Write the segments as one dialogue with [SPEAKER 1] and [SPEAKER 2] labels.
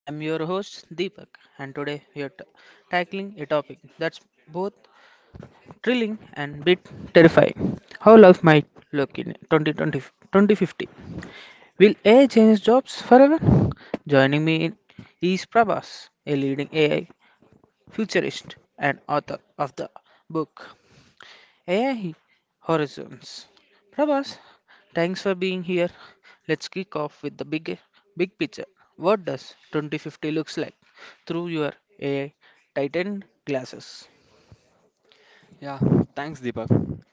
[SPEAKER 1] I am your host Deepak, and today we are tackling a topic that's both thrilling and bit terrifying. How life might look in 2020, 2050. Will AI change jobs forever? Joining me in is Prabhas, a leading AI futurist and author of the book AI Horizons. Prabhas, thanks for being here. Let's kick off with the big picture. What does 2050 looks like through your AI tightened glasses?
[SPEAKER 2] Yeah, thanks Deepak.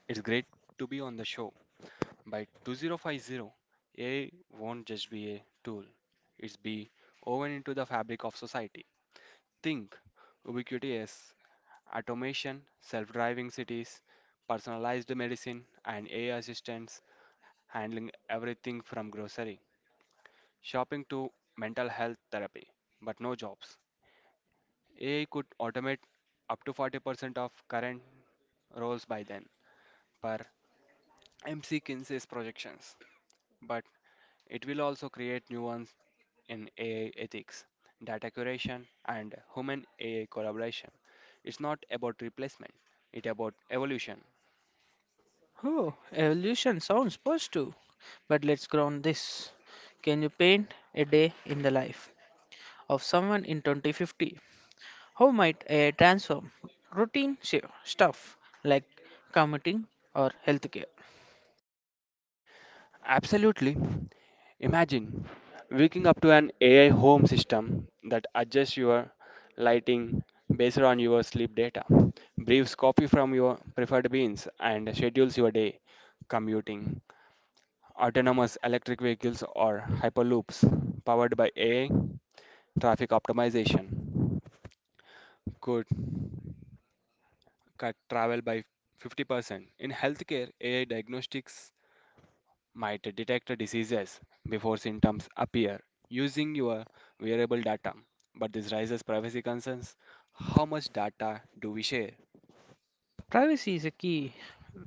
[SPEAKER 2] It's great to be on the show. By 2050, AI won't just be a tool. It's be woven into the fabric of society. Think ubiquity as automation, self-driving cities, personalized medicine, and AI assistants handling everything from grocery shopping to mental health therapy, but no jobs. AI could automate up to 40% of current roles by then, per MC Kinsey's projections. But it will also create new ones in AI ethics, data curation, and human AI collaboration. It's not about replacement, it's about evolution.
[SPEAKER 1] Oh, evolution sounds positive, but let's ground this. Can you paint a day in the life of someone in 2050? How might AI transform routine stuff like commuting or healthcare?
[SPEAKER 2] Absolutely. Imagine waking up to an AI home system that adjusts your lighting based on your sleep data, brews coffee from your preferred beans, and schedules your day commuting. Autonomous electric vehicles or hyperloops powered by AI, traffic optimization could cut travel by 50%. In healthcare, AI diagnostics might detect diseases before symptoms appear using your wearable data. But this raises privacy concerns. How much data do we share?
[SPEAKER 1] Privacy is a key.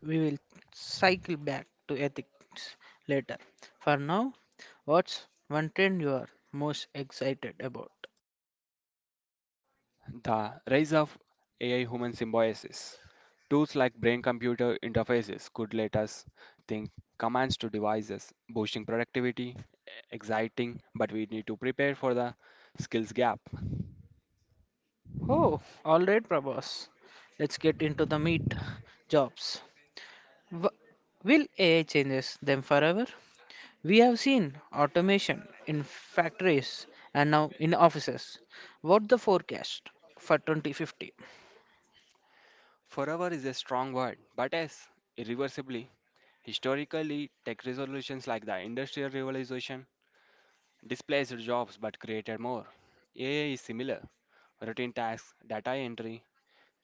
[SPEAKER 1] We will cycle back to ethics later. For now, what's one trend you are most excited about?
[SPEAKER 2] The rise of AI human symbiosis. Tools like brain computer interfaces could let us think commands to devices, boosting productivity, exciting, but we need to prepare for the skills gap.
[SPEAKER 1] Oh, all right, Prabhas. Let's get into the meat. Jobs. W- will AI changes them forever? We have seen automation in factories and now in offices. What the forecast for 2050?
[SPEAKER 2] Forever is a strong word, but yes, irreversibly. Historically, tech resolutions like the Industrial Revolution displaced jobs but created more. AI is similar. Routine tasks, data entry,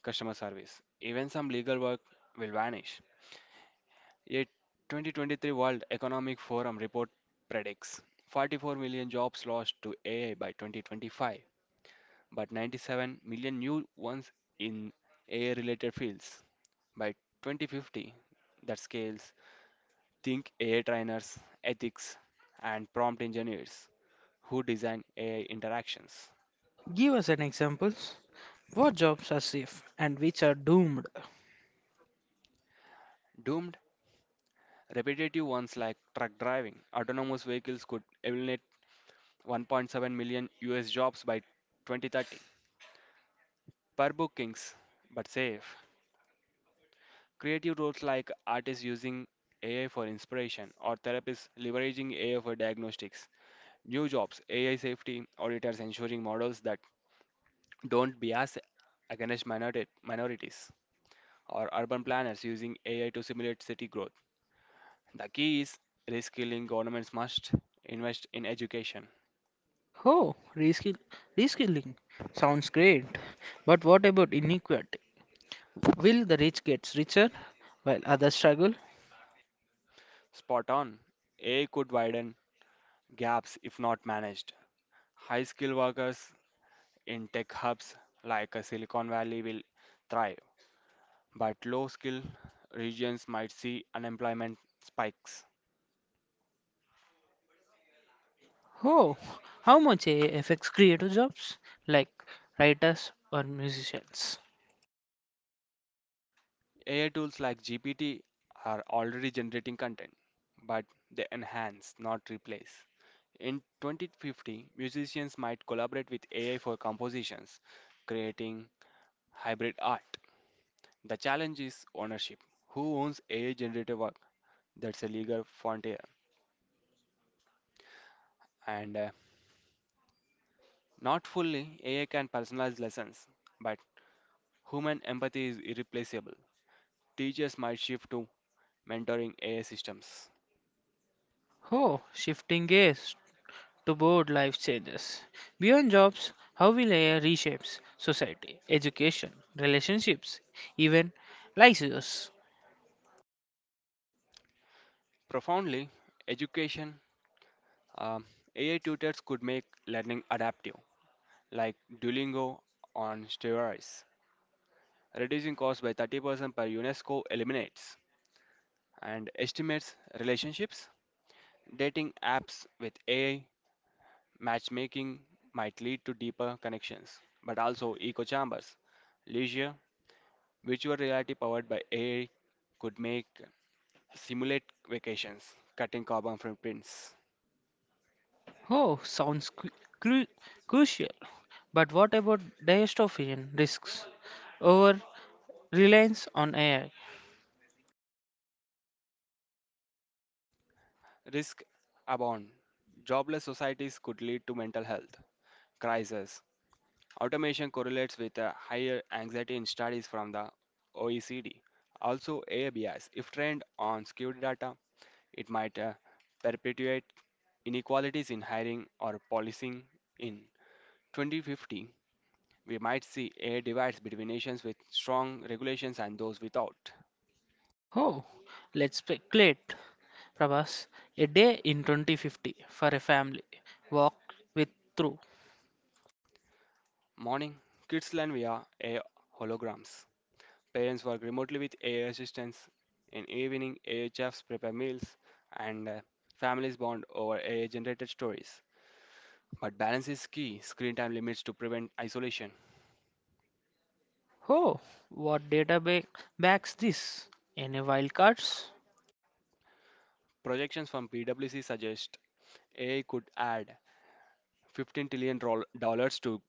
[SPEAKER 2] customer service. Even some legal work will vanish. A 2023 World Economic Forum report predicts 44 million jobs lost to AI by 2025, but 97 million new ones in AI related fields by 2050. That scales. Think AI trainers, ethics, and prompt engineers who design AI interactions.
[SPEAKER 1] Give us an examples. What jobs are safe and which are doomed?
[SPEAKER 2] Doomed, repetitive ones like truck driving. Autonomous vehicles could eliminate 1.7 million US jobs by 2030 per bookings, but safe. Creative roles like artists using AI for inspiration or therapists leveraging AI for diagnostics. New jobs, AI safety auditors ensuring models that don't bias against minorities. Or urban planners using AI to simulate city growth. The key is reskilling. Governments must invest in education.
[SPEAKER 1] Oh, reskill, Reskilling sounds great, but what about inequality? Will the rich get richer while others struggle?
[SPEAKER 2] Spot on. AI could widen gaps if not managed. High skilled workers in tech hubs like Silicon Valley will thrive, but low skilled regions might see unemployment spikes.
[SPEAKER 1] Oh, how much AI affects creative jobs like writers or musicians?
[SPEAKER 2] AI tools like GPT are already generating content, but they enhance, not replace. In 2050, musicians might collaborate with AI for compositions, creating hybrid art. The challenge is ownership. Who owns AI generated work? That's a legal frontier. And not fully, AI can personalize lessons, but human empathy is irreplaceable. Teachers might shift to mentoring AI systems.
[SPEAKER 1] Oh, shifting gears to board life changes. Beyond jobs, how will AI reshapes society, education, relationships, even lives?
[SPEAKER 2] Profoundly. Education Um, AI tutors could make learning adaptive, like Duolingo on steroids, reducing costs by 30% per UNESCO eliminates, and estimates relationships. Dating apps with AI matchmaking might lead to deeper connections, but also echo chambers. Leisure, virtual reality powered by AI could make simulate vacations, cutting carbon footprints.
[SPEAKER 1] Oh, sounds cru- crucial. But what about dystopian risks? Over reliance on AI?
[SPEAKER 2] Risk abound. Jobless societies could lead to mental health crisis. Automation correlates with a higher anxiety in studies from the OECD. Also, AI bias, if trained on skewed data, it might perpetuate inequalities in hiring or policing. In 2050, we might see a divides between nations with strong regulations and those without.
[SPEAKER 1] Oh, let's speculate. Prabhas, a day in 2050 for a family. Walk with through.
[SPEAKER 2] Morning, kids learn via a I holograms. Parents work remotely with AI assistants. In evening, AI chefs prepare meals, and families bond over AI-generated stories. But balance is key. Screen time limits to prevent isolation.
[SPEAKER 1] Oh, what data backs this? Any wildcards?
[SPEAKER 2] Projections from PwC suggest AI could add 15 trillion dollars to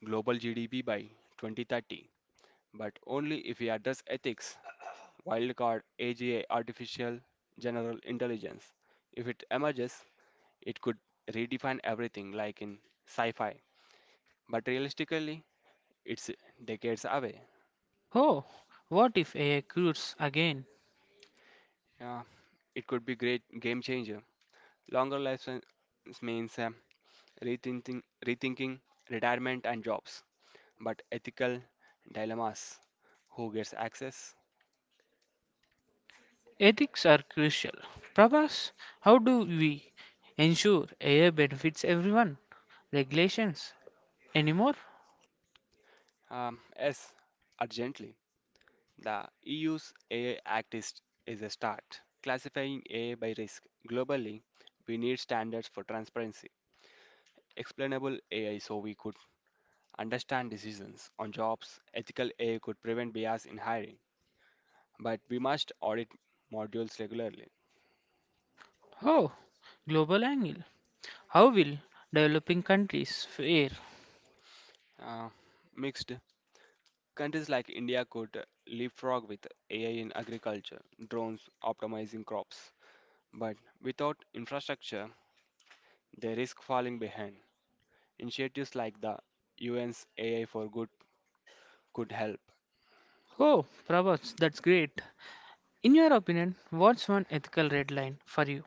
[SPEAKER 2] global GDP by 2030, but only if we address ethics, wildcard AGI, artificial general intelligence. If it emerges, it could redefine everything, like in sci fi, but realistically, it's decades away.
[SPEAKER 1] Oh, what if AI cures again?
[SPEAKER 2] Yeah, it could be great game changer. Longer lifespans means rethinking retirement and jobs, but ethical dilemmas. Who gets access?
[SPEAKER 1] Ethics are crucial. Prabhas, how do we ensure AI benefits everyone? Regulations? Anymore?
[SPEAKER 2] Yes, urgently. The EU's AI Act is a start. Classifying AI by risk globally, we need standards for transparency, explainable AI so we could understand decisions on jobs, ethical AI could prevent bias in hiring, but we must audit modules regularly.
[SPEAKER 1] Oh, global angle. How will developing countries fare?
[SPEAKER 2] Uh, Mixed countries like India could leapfrog with AI in agriculture, drones optimizing crops, but without infrastructure, they risk falling behind. Initiatives like the UN's AI for Good could help.
[SPEAKER 1] Oh, Prabhas, that's great. In your opinion, what's one ethical red line for you?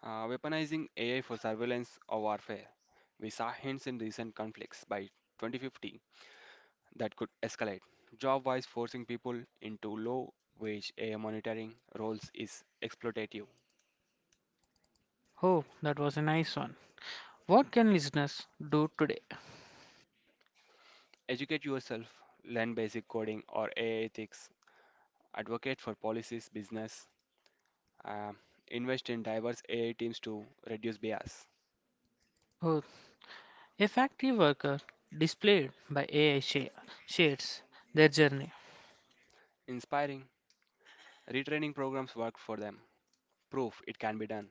[SPEAKER 2] Weaponizing AI for surveillance or warfare. We saw hints in recent conflicts. By 2050, that could escalate. Job wise, forcing people into low wage AI monitoring roles is exploitative.
[SPEAKER 1] Oh, that was a nice one. What can listeners do today?
[SPEAKER 2] Educate yourself, learn basic coding or AI ethics, advocate for policies, business, uh, invest in diverse AI teams to reduce bias.
[SPEAKER 1] Oh, a factory worker displayed by AI shares their journey.
[SPEAKER 2] Inspiring, retraining programs work for them. Proof it can be done.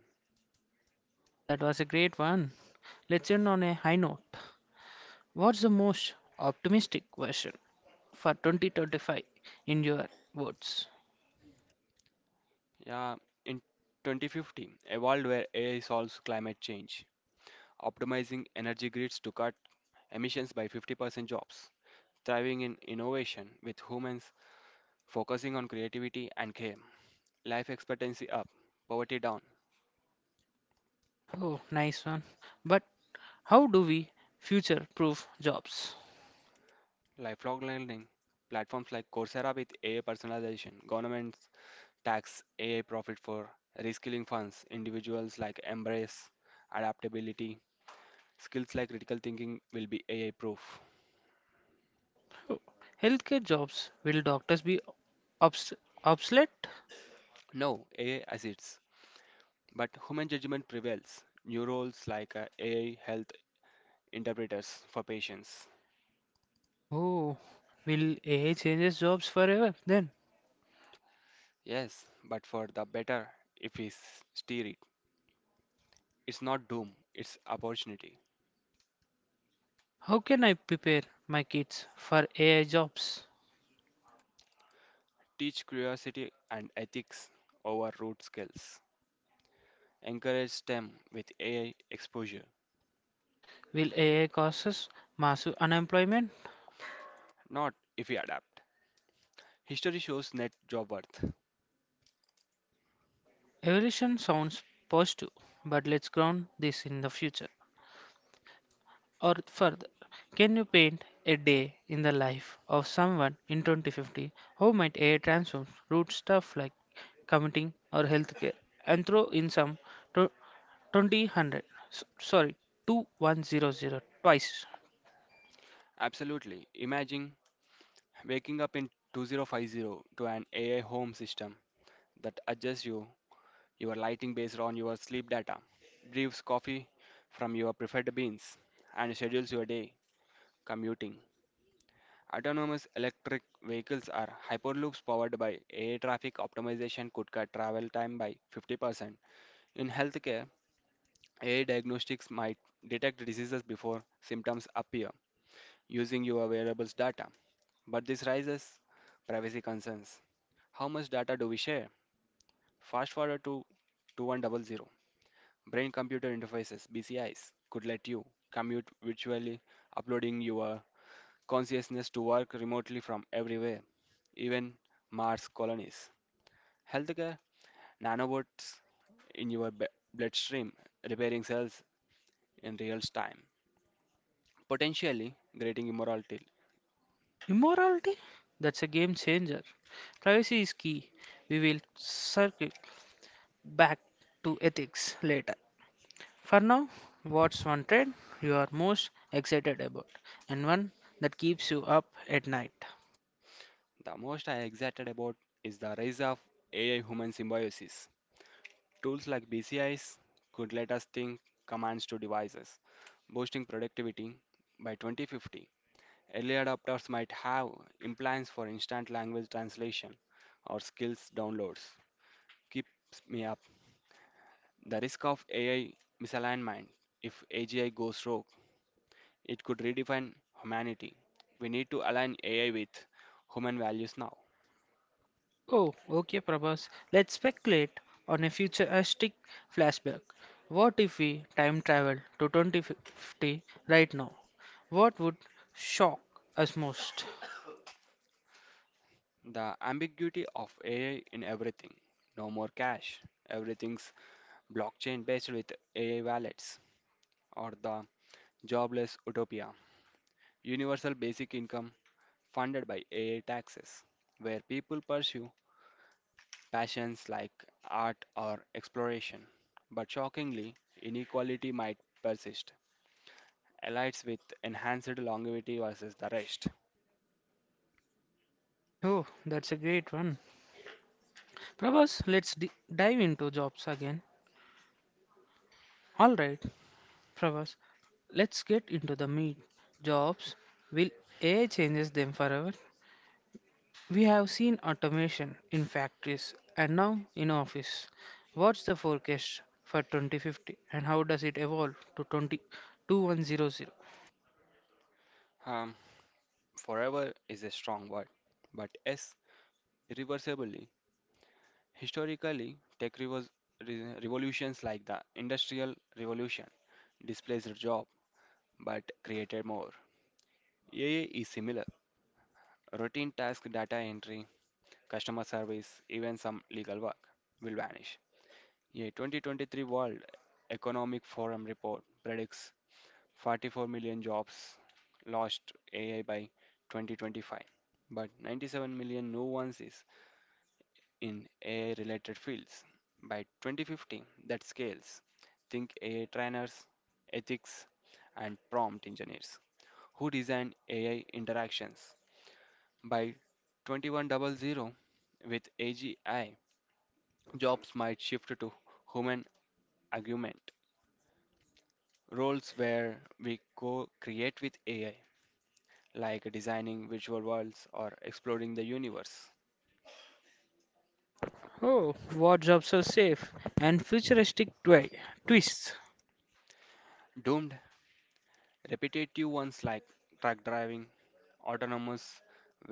[SPEAKER 1] So that was a great one. Let's end on a high note. What's the most optimistic version for 2025 in your words?
[SPEAKER 2] Yeah, in 2050, a world where AI solves climate change, optimizing energy grids to cut emissions by 50%, jobs thriving in innovation with humans focusing on creativity and care. Life expectancy up, poverty down,
[SPEAKER 1] Oh, nice one. But how do we future proof jobs?
[SPEAKER 2] lifelong learning. Platforms like Coursera with AI personalization, governments tax AI profit for reskilling funds, individuals like embrace adaptability, skills like critical thinking will be AI proof.
[SPEAKER 1] Oh, healthcare jobs. Will doctors be obs- obsolete?
[SPEAKER 2] No, AI assists, but human judgment prevails. New roles like AI health interpreters for patients.
[SPEAKER 1] Oh, will AI changes jobs forever? Then
[SPEAKER 2] Yes, but for the better if we steer it. It's not doom, it's opportunity.
[SPEAKER 1] how can I prepare my kids for AI jobs?
[SPEAKER 2] Teach curiosity and ethics over root skills. Encourage STEM with AI exposure,
[SPEAKER 1] Will AI causes massive unemployment?
[SPEAKER 2] not if we adapt. History shows net job worth.
[SPEAKER 1] Evolution sounds positive, but let's ground this in the future or further. Can you paint a day in the life of someone in 2050? How might AI transform root stuff like commuting or healthcare and throw in some tw- 2000 sorry 2100 twice.
[SPEAKER 2] Absolutely. Imagine waking up in 2050 to an AI home system that adjusts you your lighting based on your sleep data, brews coffee from your preferred beans, and schedules your day commuting. Autonomous electric vehicles are hyperloops powered by AI traffic optimization could cut travel time by 50%. In healthcare, AI diagnostics might detect diseases before symptoms appear using your wearables data. But this raises privacy concerns. How much data do we share? Fast forward to 2100. Brain computer interfaces BCIs could let you commute virtually uploading your consciousness to work remotely from everywhere, even Mars colonies. Healthcare nanobots in your bloodstream, repairing cells in real time, potentially creating immortality.
[SPEAKER 1] Immorality, that's a game changer. Privacy is key. We will circle back to ethics later. For now, what's one trend you are most excited about and one that keeps you up at night?
[SPEAKER 2] The most I excited about is the rise of AI human symbiosis. Tools like BCIs could let us think commands to devices, boosting productivity by 2050. Early adopters might have implants for instant language translation or skills downloads. Keeps me up. The risk of AI misalignment. If AGI goes rogue, it could redefine humanity. We need to align AI with human values now.
[SPEAKER 1] Oh, okay, Prabhas. Let's speculate on a futuristic flashback. What if we time travel to 2050 right now? What would shock us most?
[SPEAKER 2] The ambiguity of AI in everything. No more cash. Everything's blockchain based with AI wallets or the jobless utopia. Universal basic income funded by AI taxes, where people pursue passions like art or exploration. But shockingly, inequality might persist. Elites with enhanced longevity versus the rest.
[SPEAKER 1] Oh, that's a great one. Prabhas, let's dive into jobs again. Alright, Prabhas, let's get into the meat. Jobs, will AI changes them forever? We have seen automation in factories and now in office. What's the forecast for 2050 and how does it evolve to 202100?
[SPEAKER 2] Um, forever is a strong word, but yes, irreversibly. Historically, tech revolutions like the Industrial Revolution displaced jobs but created more. AI is similar. Routine task data entry customer service, even some legal work will vanish. A 2023 World Economic Forum report predicts 44 million jobs lost AI by 2025, but 97 million new ones is in AI related fields. By 2050, that scales. Think AI trainers, ethics, and prompt engineers who design AI interactions. By 2100, with AGI jobs might shift to human augment, roles where we co create with AI, like designing visual worlds or exploring the universe.
[SPEAKER 1] Oh, what jobs are safe and futuristic twists.
[SPEAKER 2] Doomed repetitive ones like truck driving, autonomous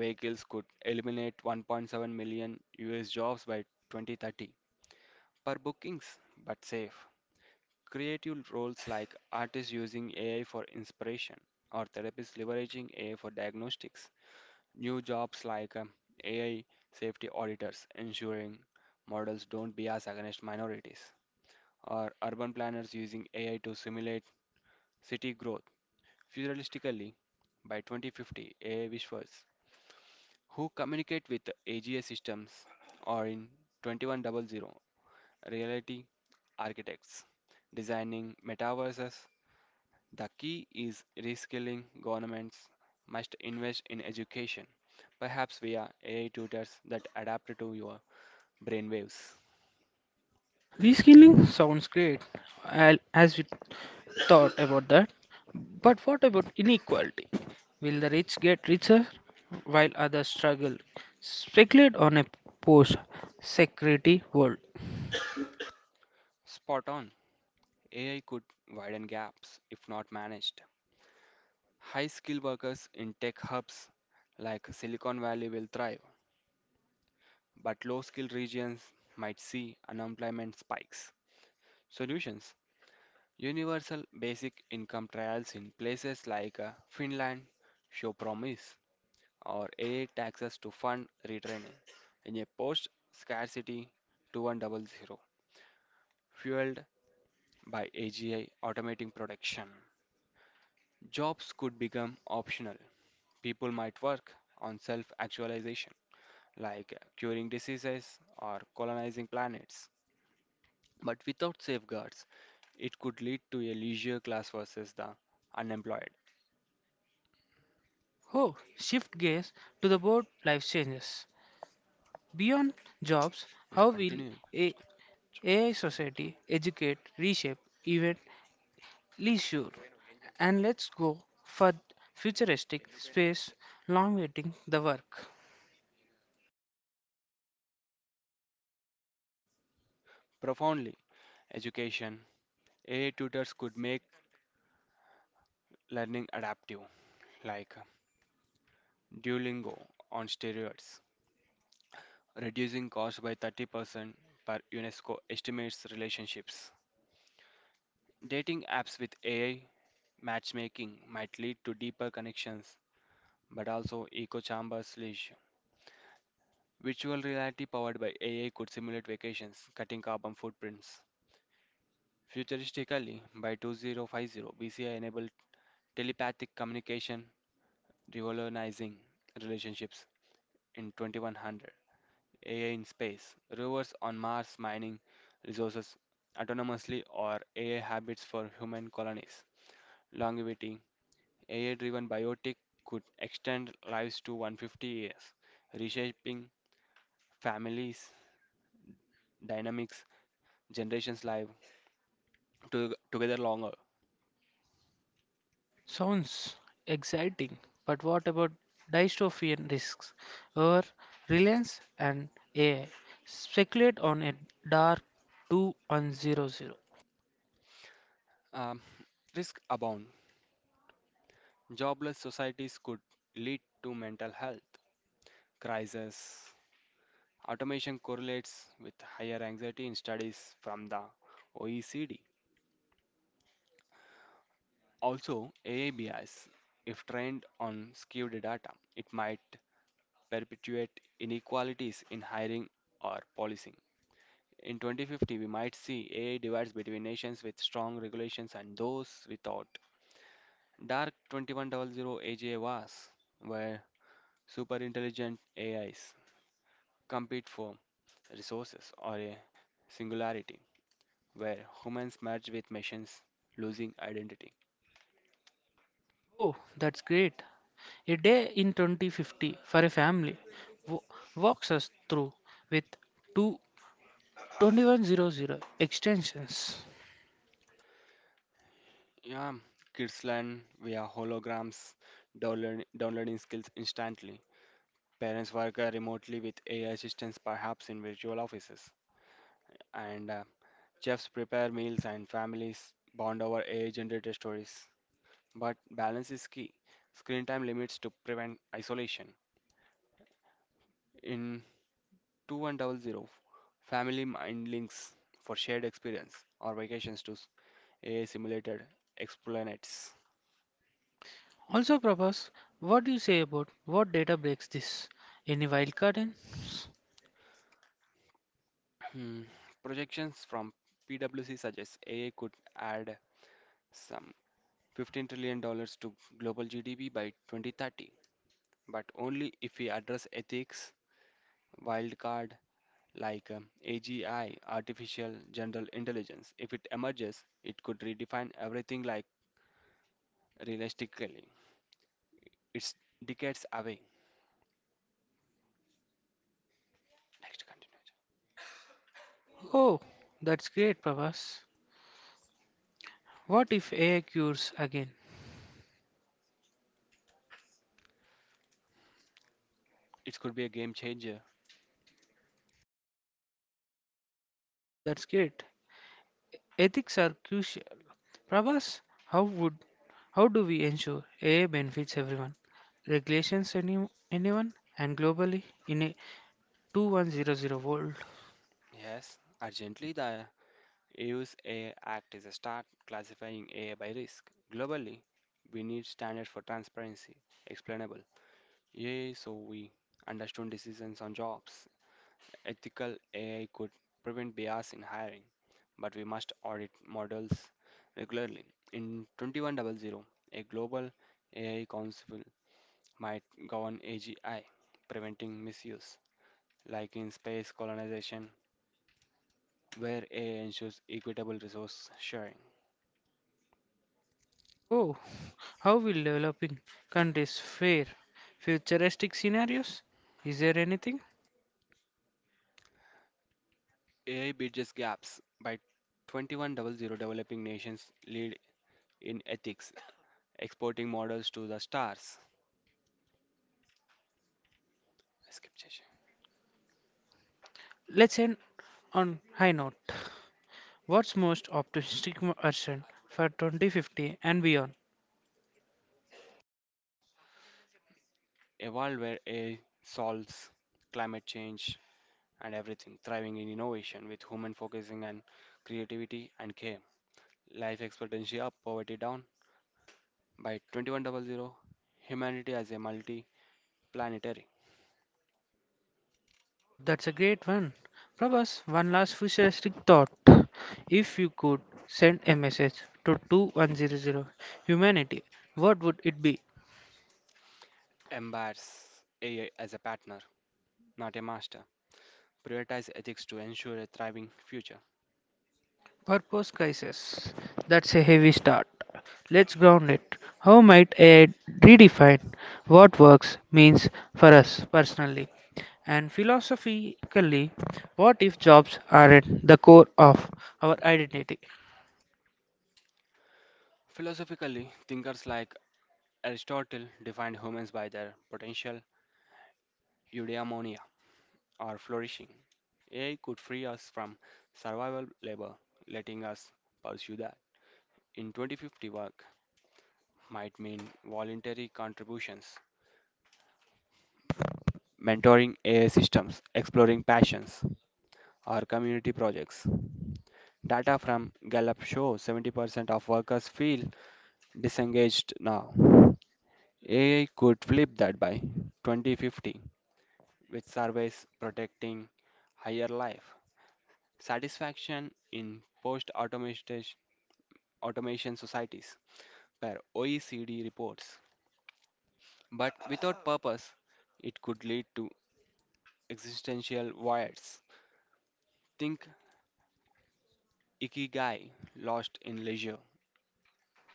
[SPEAKER 2] vehicles could eliminate 1.7 million US jobs by 2030 per bookings, but safe. Creative roles like artists using AI for inspiration or therapists leveraging AI for diagnostics. New jobs like AI safety auditors ensuring models don't bias against minorities, or urban planners using AI to simulate city growth. Futuristically, by 2050, AI wishers who communicate with AGI systems or in 2100 reality architects designing metaverses. The key is reskilling. Governments must invest in education, perhaps via AI tutors that adapt to your brainwaves.
[SPEAKER 1] Reskilling sounds great, as we thought about that. But what about inequality? Will the rich get richer while others struggle? Speculate on a post security world.
[SPEAKER 2] Spot on. AI could widen gaps if not managed. High skilled workers in tech hubs like Silicon Valley will thrive, but low skilled regions might see unemployment spikes. Solutions: Universal basic income trials in places like Finland show promise. Or AI taxes to fund retraining in a post scarcity 2100 fueled by AGI automating production. Jobs could become optional. People might work on self actualization, like curing diseases or colonizing planets. But without safeguards, it could lead to a leisure class versus the unemployed.
[SPEAKER 1] Oh, shift gears to the board life changes. Beyond jobs,
[SPEAKER 2] It
[SPEAKER 1] how will
[SPEAKER 2] continues
[SPEAKER 1] a AI society educate, reshape, even leisure? And let's go for futuristic space, long waiting the work.
[SPEAKER 2] profoundly. Education AI tutors could make learning adaptive, like Duolingo on steroids, reducing cost by 30% per UNESCO estimates relationships. Dating apps with AI matchmaking might lead to deeper connections, but also echo chambers leash. Virtual reality powered by AI could simulate vacations, cutting carbon footprints. Futuristically, by 2050, BCI enabled telepathic communication, revolutionizing relationships in 2100. AI in space, rovers on Mars mining resources autonomously, or AI habits for human colonies. Longevity AI driven biotic could extend lives to 150 years, reshaping families, dynamics, generations' live together longer.
[SPEAKER 1] Sounds exciting, but what about dystopian risks or reliance and AI? Speculate on a dark 2100.
[SPEAKER 2] Um, risk abound. Jobless societies could lead to mental health crisis. Automation correlates with higher anxiety in studies from the OECD. Also, AI bias, if trained on skewed data, it might perpetuate inequalities in hiring or policing. In 2050, we might see AI divides between nations with strong regulations and those without. Dark 2100 AGI was where superintelligent AIs compete for resources or a singularity where humans merge with machines losing identity.
[SPEAKER 1] Oh, that's great. A day in 2050 for a family w- walks us through with 22100 extensions.
[SPEAKER 2] Yeah, kids learn via holograms, downloading skills instantly. Parents work remotely with AI assistants, perhaps in virtual offices. And chefs prepare meals, and families bond over AI-generated stories. But balance is key. Screen time limits to prevent isolation. In 2100, family mind links for shared experience or vacations to AI-simulated explanates.
[SPEAKER 1] Also, Prabhas, what do you say about what data breaks this? Any wildcard in?
[SPEAKER 2] Hmm. Projections from PwC suggest AI could add some $15 trillion to global GDP by 2030, but only if we address ethics, wildcard like AGI, artificial general intelligence. If it emerges, it could redefine everything like realistically. It's decades away. Next, continue.
[SPEAKER 1] Oh, that's great, Prabhas. What if AI cures again?
[SPEAKER 2] It could be a game changer.
[SPEAKER 1] Oh, that's great. Ethics are crucial. Prabhas, how would how do we ensure AI benefits everyone? Regulations anyone and globally in a 2100 volt.
[SPEAKER 2] Yes, urgently the EU's AI Act is a start classifying AI by risk. Globally, we need standards for transparency, explainable AI so we understand decisions on jobs. Ethical AI could prevent bias in hiring, but we must audit models regularly. In 2100, a global AI council might govern AGI, preventing misuse, like in space colonization, where AI ensures equitable resource sharing.
[SPEAKER 1] Oh, how will developing countries fare? Futuristic scenarios? Is there anything?
[SPEAKER 2] AI bridges gaps. By 2100, developing nations lead in ethics, exporting models to the stars. Skip చేశా.
[SPEAKER 1] Let's end on high note. What's most optimistic version for 2050 and beyond?
[SPEAKER 2] A world where AI solves climate change and everything, thriving in innovation with human focusing and creativity and care. Life expectancy up, poverty down. By 2100, humanity as a multi planetary.
[SPEAKER 1] Oh, that's a great one. Prabhas, one last futuristic thought. If you could send a message to 2100 humanity, what would it be?
[SPEAKER 2] Embrace AI as a partner, not a master. Prioritize ethics to ensure a thriving future.
[SPEAKER 1] Purpose crisis. That's a heavy start. Let's ground it. How might AI redefine what works means for us personally? And philosophically, what if jobs aren't the core of our identity?
[SPEAKER 2] Philosophically, thinkers like Aristotle defined humans by their potential eudaimonia or flourishing. AI could free us from survival labor, letting us pursue that. In 2050, work might mean voluntary contributions, mentoring AI systems, exploring passions, or community projects. Data from Gallup shows 70% of workers feel disengaged now. AI could flip that by 2050 which surveys protecting higher life satisfaction in post-automation automation societies per OECD reports. But without purpose, it could lead to existential voids. Think Ikigai, lost in leisure.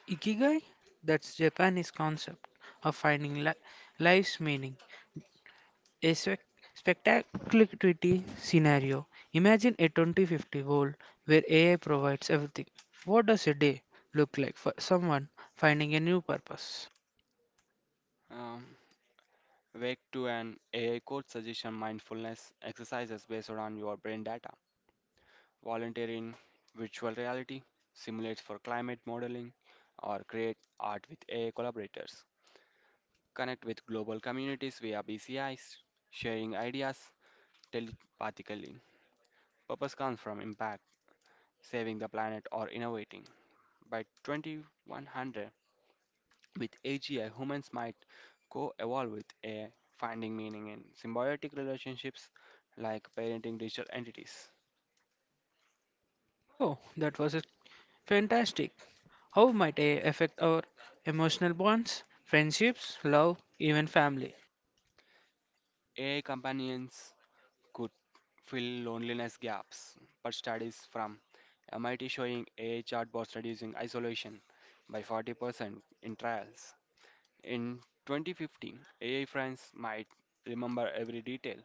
[SPEAKER 1] Ikigai, that's Japanese concept of finding life's meaning. A spectacularity scenario. Imagine a 2050 world where AI provides everything. What does a day look like for someone finding a new purpose?
[SPEAKER 2] Um, Wake to an AI coach suggestion mindfulness exercises based on your brain data. Volunteer in virtual reality, simulate for climate modeling, or create art with AI collaborators. Connect with global communities via BCIs, sharing ideas telepathically. Purpose comes from impact, saving the planet, or innovating. By 2100, with AGI, humans might co evolve with AI, finding meaning in symbiotic relationships like parenting digital entities.
[SPEAKER 1] Oh, that was a- Fantastic. How might AI affect our emotional bonds, friendships, love, even family?
[SPEAKER 2] AI companions could fill loneliness gaps, but studies from MIT showing AI chatbots reducing isolation by 40% in trials. In 2015, AI friends might remember every detail,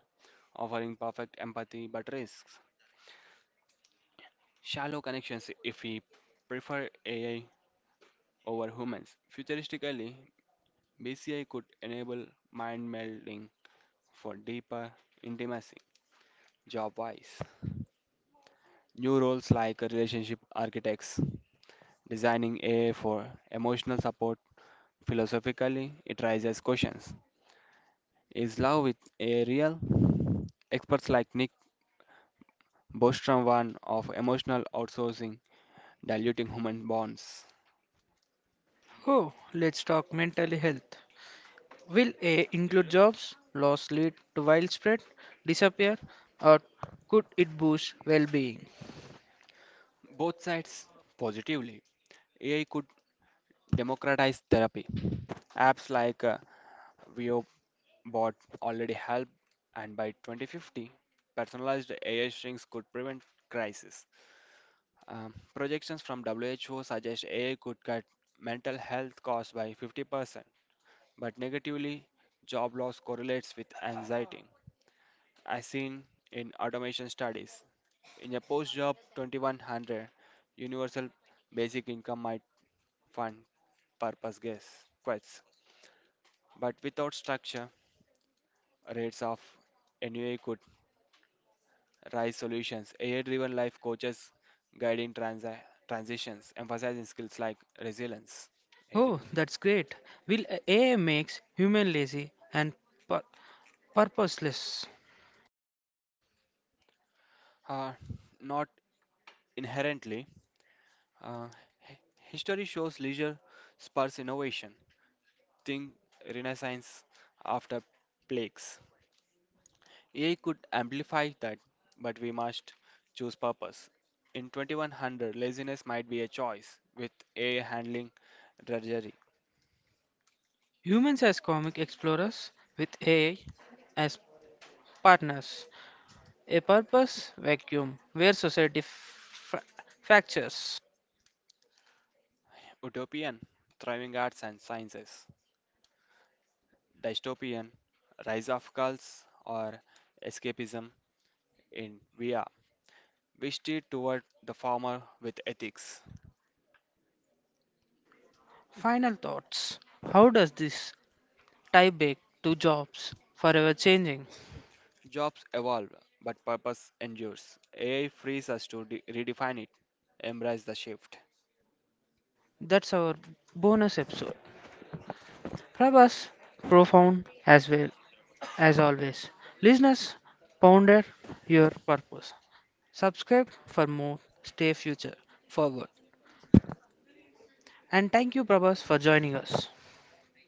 [SPEAKER 2] offering perfect empathy but risks shallow connections if we prefer AI over humans. Futuristically, BCI could enable mind melding for deeper intimacy, job wise. New roles like relationship architects, designing AI for emotional support. Philosophically, it raises questions. Is love with AI real? Experts like Nick both one of emotional outsourcing, diluting human bonds.
[SPEAKER 1] Oh, let's talk mental health. Will AI include jobs, loss lead to widespread, disappear, or could it boost well being?
[SPEAKER 2] Both sides positively. AI could democratize therapy. Apps like VOBot already help, and by 2050, personalized AI strings could prevent crisis. Projections from WHO suggest AI could cut mental health costs by 50%, but negatively, job loss correlates with anxiety. As seen in automation studies. In a post job 2100 universal basic income might fund purpose guess quests, but without structure, rates of NUA could rise solutions. AI driven life coaches guiding transitions, emphasizing skills like resilience. ఏది
[SPEAKER 1] Oh,
[SPEAKER 2] bro?
[SPEAKER 1] that's great. Will AI makes human lazy and pur- purposeless?
[SPEAKER 2] Uh, Not inherently. Uh, hi- History shows leisure spurs innovation. Think renaissance after plagues. AI could amplify that, but we must choose purpose. In 2100, laziness might be a choice, with AI handling drudgery.
[SPEAKER 1] Humans as comic explorers with AI as partners. A purpose vacuum where society fractures.
[SPEAKER 2] Utopian, thriving arts and sciences. Dystopian, rise of cults or escapism in VR. We steer toward the former with ethics.
[SPEAKER 1] Final thoughts. How does this tie back to jobs forever changing?
[SPEAKER 2] Jobs evolve, but purpose endures. AI frees us to redefine it, embrace the shift.
[SPEAKER 1] That's our bonus episode. Prabhas, profound as well as always. Listeners, ponder your purpose. Subscribe for more. Stay future forward. And thank you, Prabhas, for joining us.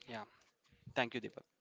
[SPEAKER 2] Yeah. Thank you, Deepak.